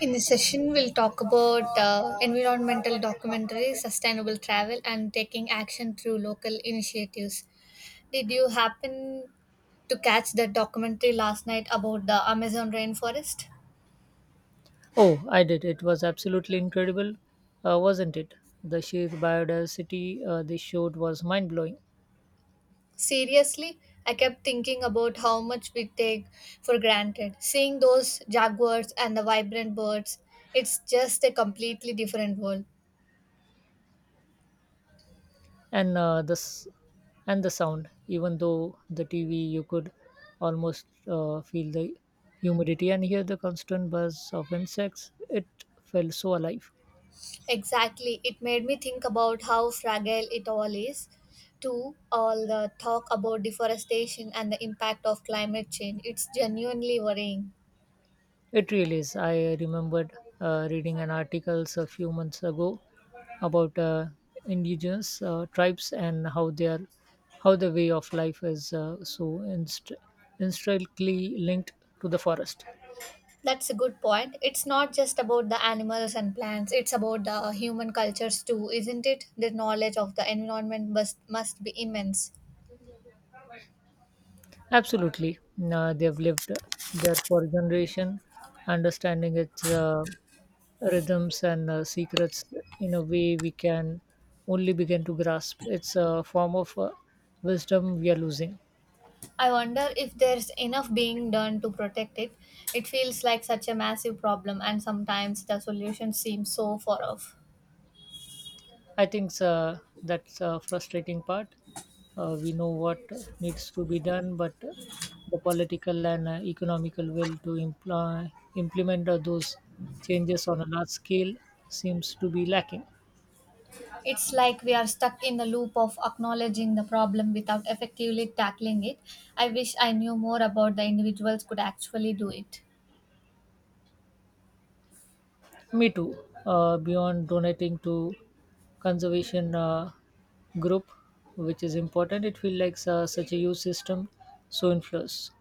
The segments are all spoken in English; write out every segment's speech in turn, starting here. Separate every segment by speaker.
Speaker 1: In this session, we'll talk about environmental documentaries, sustainable travel, and taking action through local initiatives. Did you happen to catch that documentary last night about the Amazon rainforest?
Speaker 2: Oh, I did. It was absolutely incredible, wasn't it? The sheer biodiversity they showed was mind blowing,
Speaker 1: Seriously, I kept thinking about how much we take for granted. Seeing those jaguars and the vibrant birds, it's just a completely different world.
Speaker 2: and uh, the s- and the sound. Even though the TV, you could almost feel the humidity and hear the constant buzz of insects. It felt so alive.
Speaker 1: Exactly. It made me think about how fragile it all is. To all the talk about deforestation and the impact of climate change. It's genuinely worrying.
Speaker 2: It really is. I remembered reading an article a few months ago about indigenous tribes and how the way of life is so intricately linked to the forest.
Speaker 1: That's a good point. It's not just about the animals and plants, it's about the human cultures too, isn't it? The knowledge of the environment must be immense.
Speaker 2: Absolutely, they've lived there for generation, understanding its rhythms and secrets in a way we can only begin to grasp. It's a form of wisdom we are losing.
Speaker 1: I wonder if there's enough being done to protect it. It feels like such a massive problem, and sometimes the solution seems so far off.
Speaker 2: I think that's a frustrating part. We know what needs to be done, but the political and economical will to implement those changes on a large scale seems to be lacking.
Speaker 1: It's like we are stuck in the loop of acknowledging the problem without effectively tackling it. I wish I knew more about the individuals could actually do it.
Speaker 2: Me too. Beyond donating to conservation group, which is important, it feels like such a huge system, so influence.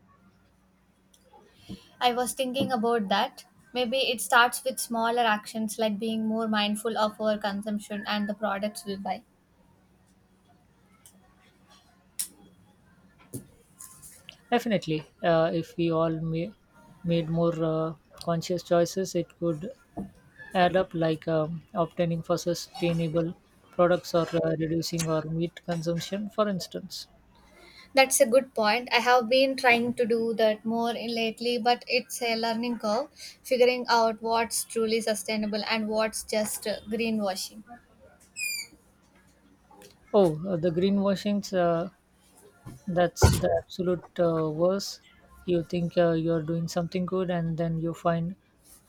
Speaker 1: I was thinking about that. Maybe it starts with smaller actions like being more mindful of our consumption and the products we buy.
Speaker 2: Definitely, if we all may, made more conscious choices, it could add up, like obtaining for sustainable products or reducing our meat consumption, for instance.
Speaker 1: That's a good point. I have been trying to do that more in lately, but it's a learning curve, figuring out what's truly sustainable and what's just greenwashing.
Speaker 2: Oh, the greenwashings, that's the absolute worst. You think you're doing something good, and then you find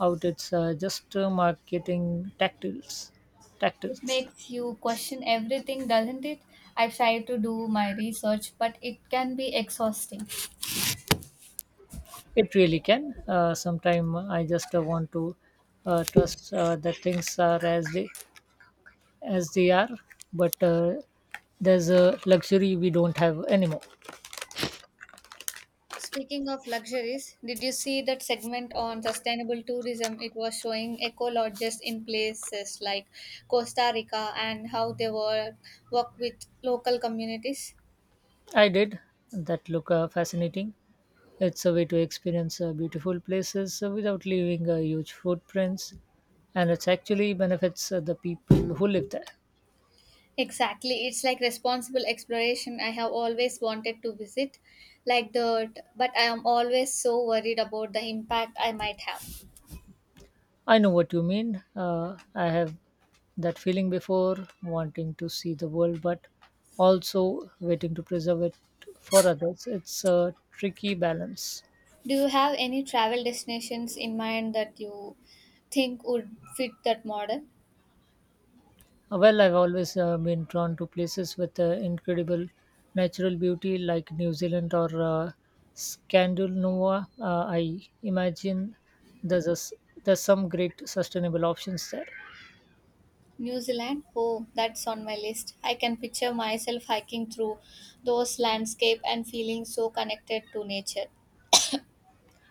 Speaker 2: out it's just marketing tactics.
Speaker 1: It
Speaker 2: Tactics.
Speaker 1: makes you question everything, doesn't it? I've tried to do my research, but it can be exhausting.
Speaker 2: It really can. Sometimes I just want to trust that things are as they are, but there's a luxury we don't have anymore.
Speaker 1: Speaking of luxuries, did you see that segment on sustainable tourism? It was showing eco lodges in places like Costa Rica and how they work with local communities.
Speaker 2: I did that look fascinating. It's a way to experience beautiful places without leaving huge footprints, and it actually benefits the people who live there.
Speaker 1: Exactly, it's like responsible exploration. I have always wanted to visit like that, but I am always so worried about the impact I might have.
Speaker 2: I know what you mean. I have that feeling before, wanting to see the world, but also waiting to preserve it for others. It's a tricky balance.
Speaker 1: Do you have any travel destinations in mind that you think would fit that model?
Speaker 2: Well, I've always been drawn to places with incredible natural beauty like New Zealand or Scandinavia. I imagine there's, a s there's some great sustainable options there.
Speaker 1: New Zealand? Oh, that's on my list. I can picture myself hiking through those landscapes and feeling so connected to nature.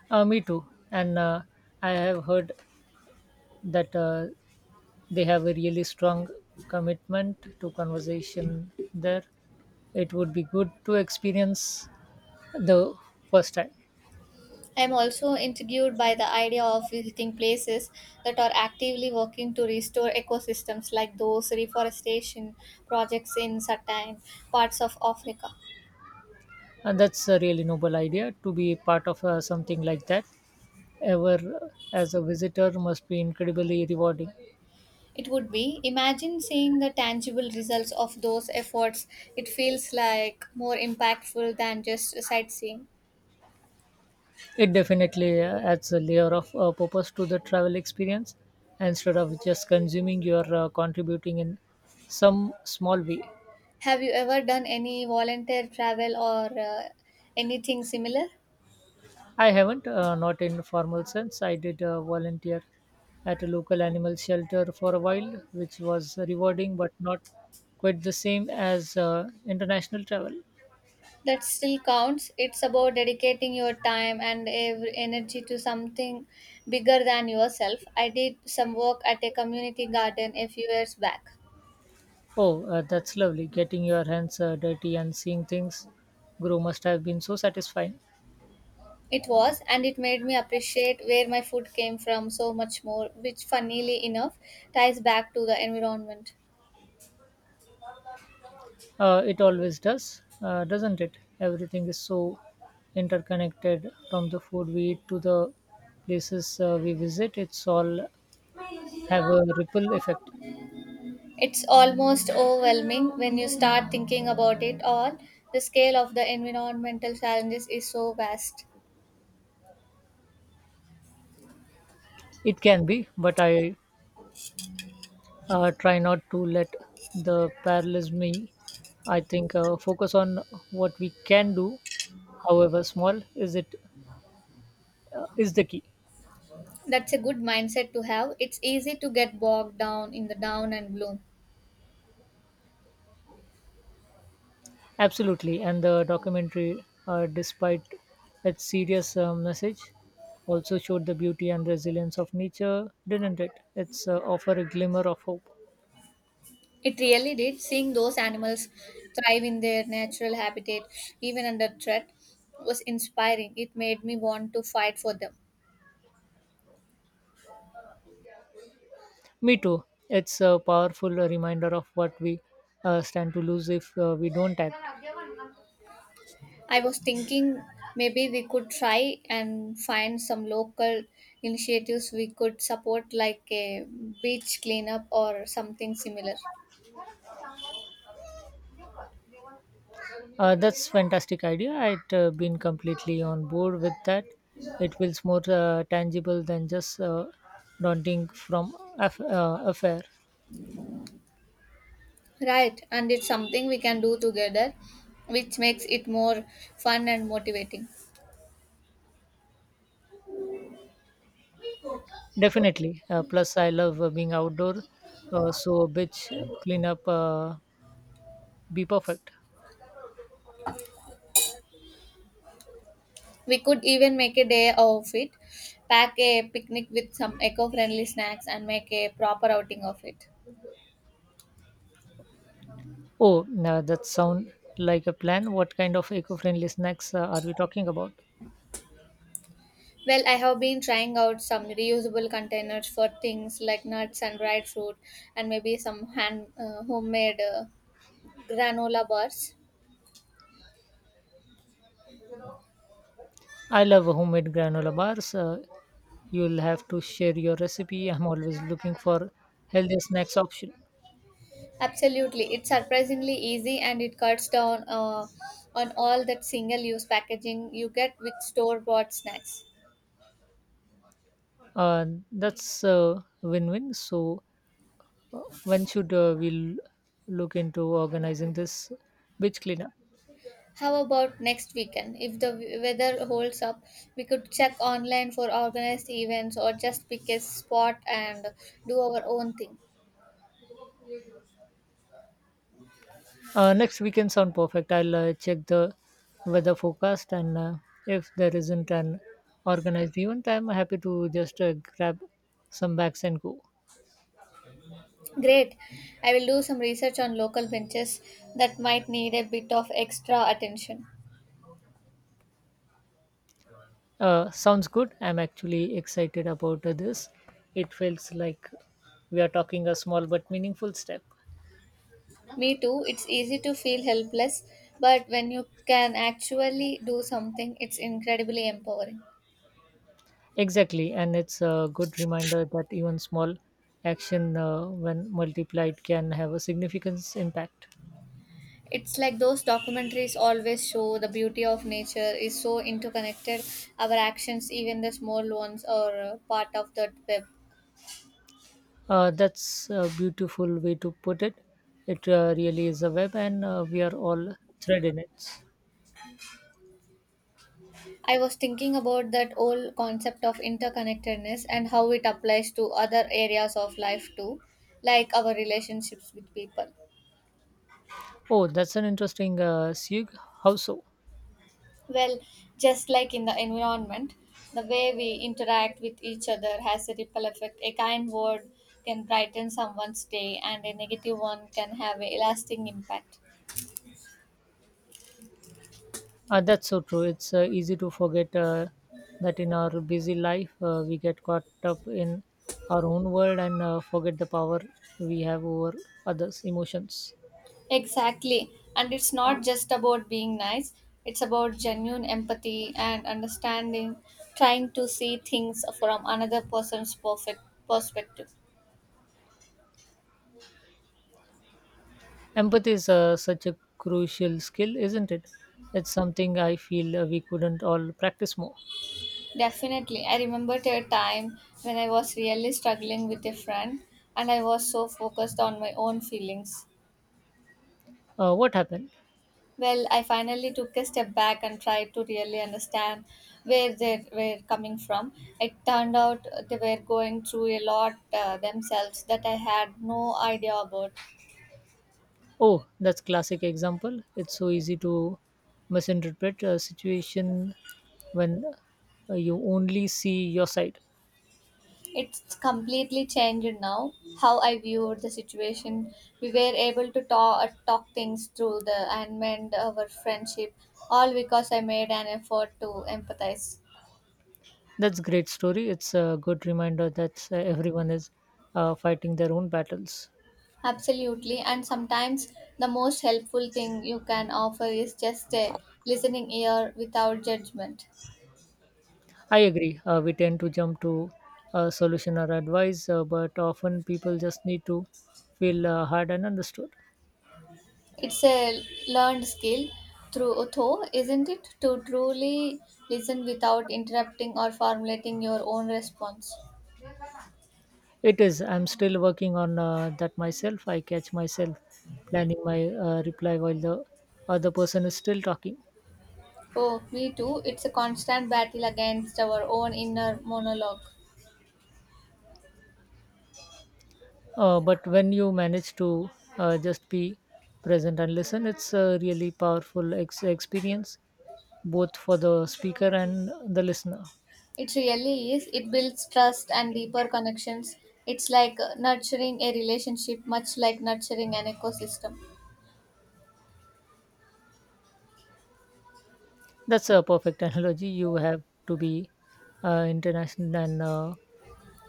Speaker 2: Me too. And I have heard that they have a really strong commitment to conversation there. It would be good to experience the first time.
Speaker 1: I'm also intrigued by the idea of visiting places that are actively working to restore ecosystems like those reforestation projects in certain parts of Africa.
Speaker 2: And that's a really noble idea to be part of something like that ever as a visitor must be incredibly rewarding.
Speaker 1: It would be. Imagine seeing the tangible results of those efforts. It feels like more impactful than just sightseeing.
Speaker 2: It definitely adds a layer of purpose to the travel experience. Instead of just consuming, you are contributing in some small way.
Speaker 1: Have you ever done any volunteer travel or anything similar?
Speaker 2: I haven't, not in formal sense. I did volunteer at a local animal shelter for a while, which was rewarding but not quite the same as international travel.
Speaker 1: That still counts. It's about dedicating your time and energy to something bigger than yourself. I did some work at a community garden a few years back.
Speaker 2: Oh, that's lovely. Getting your hands dirty and seeing things grow must have been so satisfying.
Speaker 1: It was, and it made me appreciate where my food came from so much more, which, funnily enough, ties back to the environment.
Speaker 2: It always does, doesn't it? Everything is so interconnected from the food we eat to the places we visit. It's all have a ripple effect.
Speaker 1: It's almost overwhelming when you start thinking about it all. The scale of the environmental challenges is so vast.
Speaker 2: It can be, but I try not to let the paralyze me. I think focus on what we can do, however small, is the key.
Speaker 1: That's a good mindset to have. It's easy to get bogged down in the down and gloom.
Speaker 2: Absolutely, and the documentary, despite its serious message, also showed the beauty and resilience of nature, didn't it? It's offer a glimmer of hope.
Speaker 1: It really did. Seeing those animals thrive in their natural habitat, even under threat, was inspiring. It made me want to fight for them.
Speaker 2: Me too. It's a powerful reminder of what we stand to lose if we don't act.
Speaker 1: I was thinking maybe we could try and find some local initiatives we could support, like a beach cleanup or something similar.
Speaker 2: That's fantastic idea. I'd been completely on board with that. It feels more tangible than just daunting from affair.
Speaker 1: Right, and it's something we can do together, which makes it more fun and motivating.
Speaker 2: Definitely. Plus, I love being outdoor, so beach cleanup be perfect.
Speaker 1: We could even make a day of it, pack a picnic with some eco friendly snacks, and make a proper outing of it.
Speaker 2: Oh, now that sound like a plan. What kind of eco-friendly snacks are we talking about?
Speaker 1: Well, I have been trying out some reusable containers for things like nuts and dried fruit, and maybe some hand homemade granola bars.
Speaker 2: I love homemade granola bars. You'll have to share your recipe. I'm always looking for healthy snacks option.
Speaker 1: Absolutely, it's surprisingly easy and it cuts down on all that single use packaging you get with store bought snacks.
Speaker 2: Uh, that's a win-win. So, when should we look into organizing this beach cleanup?
Speaker 1: How about next weekend? If the weather holds up, we could check online for organized events or just pick a spot and do our own thing.
Speaker 2: Next weekend sound perfect. I'll check the weather forecast and if there isn't an organized event, I'm happy to just grab some bags and go.
Speaker 1: Great. I will do some research on local benches that might need a bit of extra attention.
Speaker 2: Sounds good. I'm actually excited about this. It feels like we are talking a small but meaningful step.
Speaker 1: Me too. It's easy to feel helpless, but when you can actually do something, it's incredibly empowering.
Speaker 2: Exactly, and it's a good reminder that even small action, when multiplied, can have a significant impact.
Speaker 1: It's like those documentaries always show the beauty of nature is so interconnected. Our actions, even the small ones, are part of that web.
Speaker 2: That's a beautiful way to put it. It really is a web, and we are all thread in it.
Speaker 1: I was thinking about that whole concept of interconnectedness and how it applies to other areas of life too, like our relationships with people.
Speaker 2: Oh, that's an interesting Sieg. How so?
Speaker 1: Well, just like in the environment, the way we interact with each other has a ripple effect. A kind word can brighten someone's day, and a negative one can have a lasting impact.
Speaker 2: That's so true. It's easy to forget that in our busy life, we get caught up in our own world and forget the power we have over others' emotions.
Speaker 1: Exactly. And it's not just about being nice, it's about genuine empathy and understanding, trying to see things from another person's perfect perspective.
Speaker 2: Empathy is such a crucial skill, isn't it? It's something I feel we couldn't all practice more.
Speaker 1: Definitely. I remember a time when I was really struggling with a friend and I was so focused on my own feelings.
Speaker 2: What happened?
Speaker 1: Well, I finally took a step back and tried to really understand where they were coming from. It turned out they were going through a lot themselves that I had no idea about.
Speaker 2: Oh, that's classic example. It's so easy to misinterpret a situation when you only see your side.
Speaker 1: It's completely changed now how I viewed the situation. We were able to talk things through the and mend our friendship, all because I made an effort to empathize.
Speaker 2: That's great story. It's a good reminder that everyone is fighting their own battles.
Speaker 1: Absolutely, and sometimes the most helpful thing you can offer is just a listening ear without judgment.
Speaker 2: I agree. We tend to jump to a solution or advice, but often people just need to feel heard and understood.
Speaker 1: It's a learned skill through though, isn't it? To truly listen without interrupting or formulating your own response.
Speaker 2: It is. I'm still working on that myself. I catch myself planning my reply while the other person is still talking.
Speaker 1: Oh, me too. It's a constant battle against our own inner monologue.
Speaker 2: But when you manage to just be present and listen, it's a really powerful experience, both for the speaker and the listener.
Speaker 1: It really is. It builds trust and deeper connections. It's like nurturing a relationship, much like nurturing an ecosystem.
Speaker 2: That's a perfect analogy. You have to be international and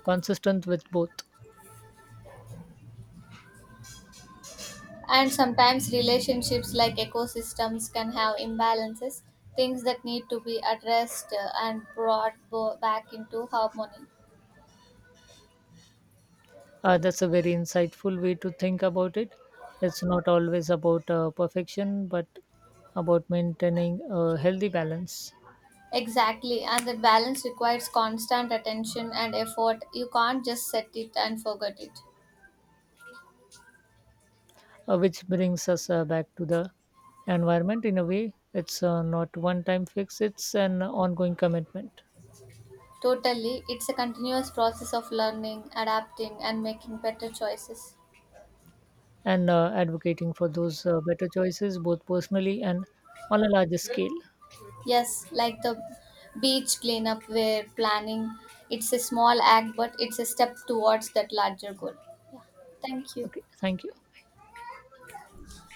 Speaker 2: consistent with both.
Speaker 1: And sometimes relationships like ecosystems can have imbalances, things that need to be addressed and brought back into harmony.
Speaker 2: That's a very insightful way to think about it. It's not always about perfection, but about maintaining a healthy balance.
Speaker 1: Exactly, and that balance requires constant attention and effort. You can't just set it and forget it.
Speaker 2: Which brings us back to the environment in a way it's not one time fix it's an ongoing commitment
Speaker 1: Totally, it's a continuous process of learning, adapting, and making better choices.
Speaker 2: and advocating for those better choices both personally and on a larger scale.
Speaker 1: Yes, like the beach cleanup we're planning. It's a small act, but it's a step towards that larger goal. Thank you.
Speaker 2: Okay, thank you.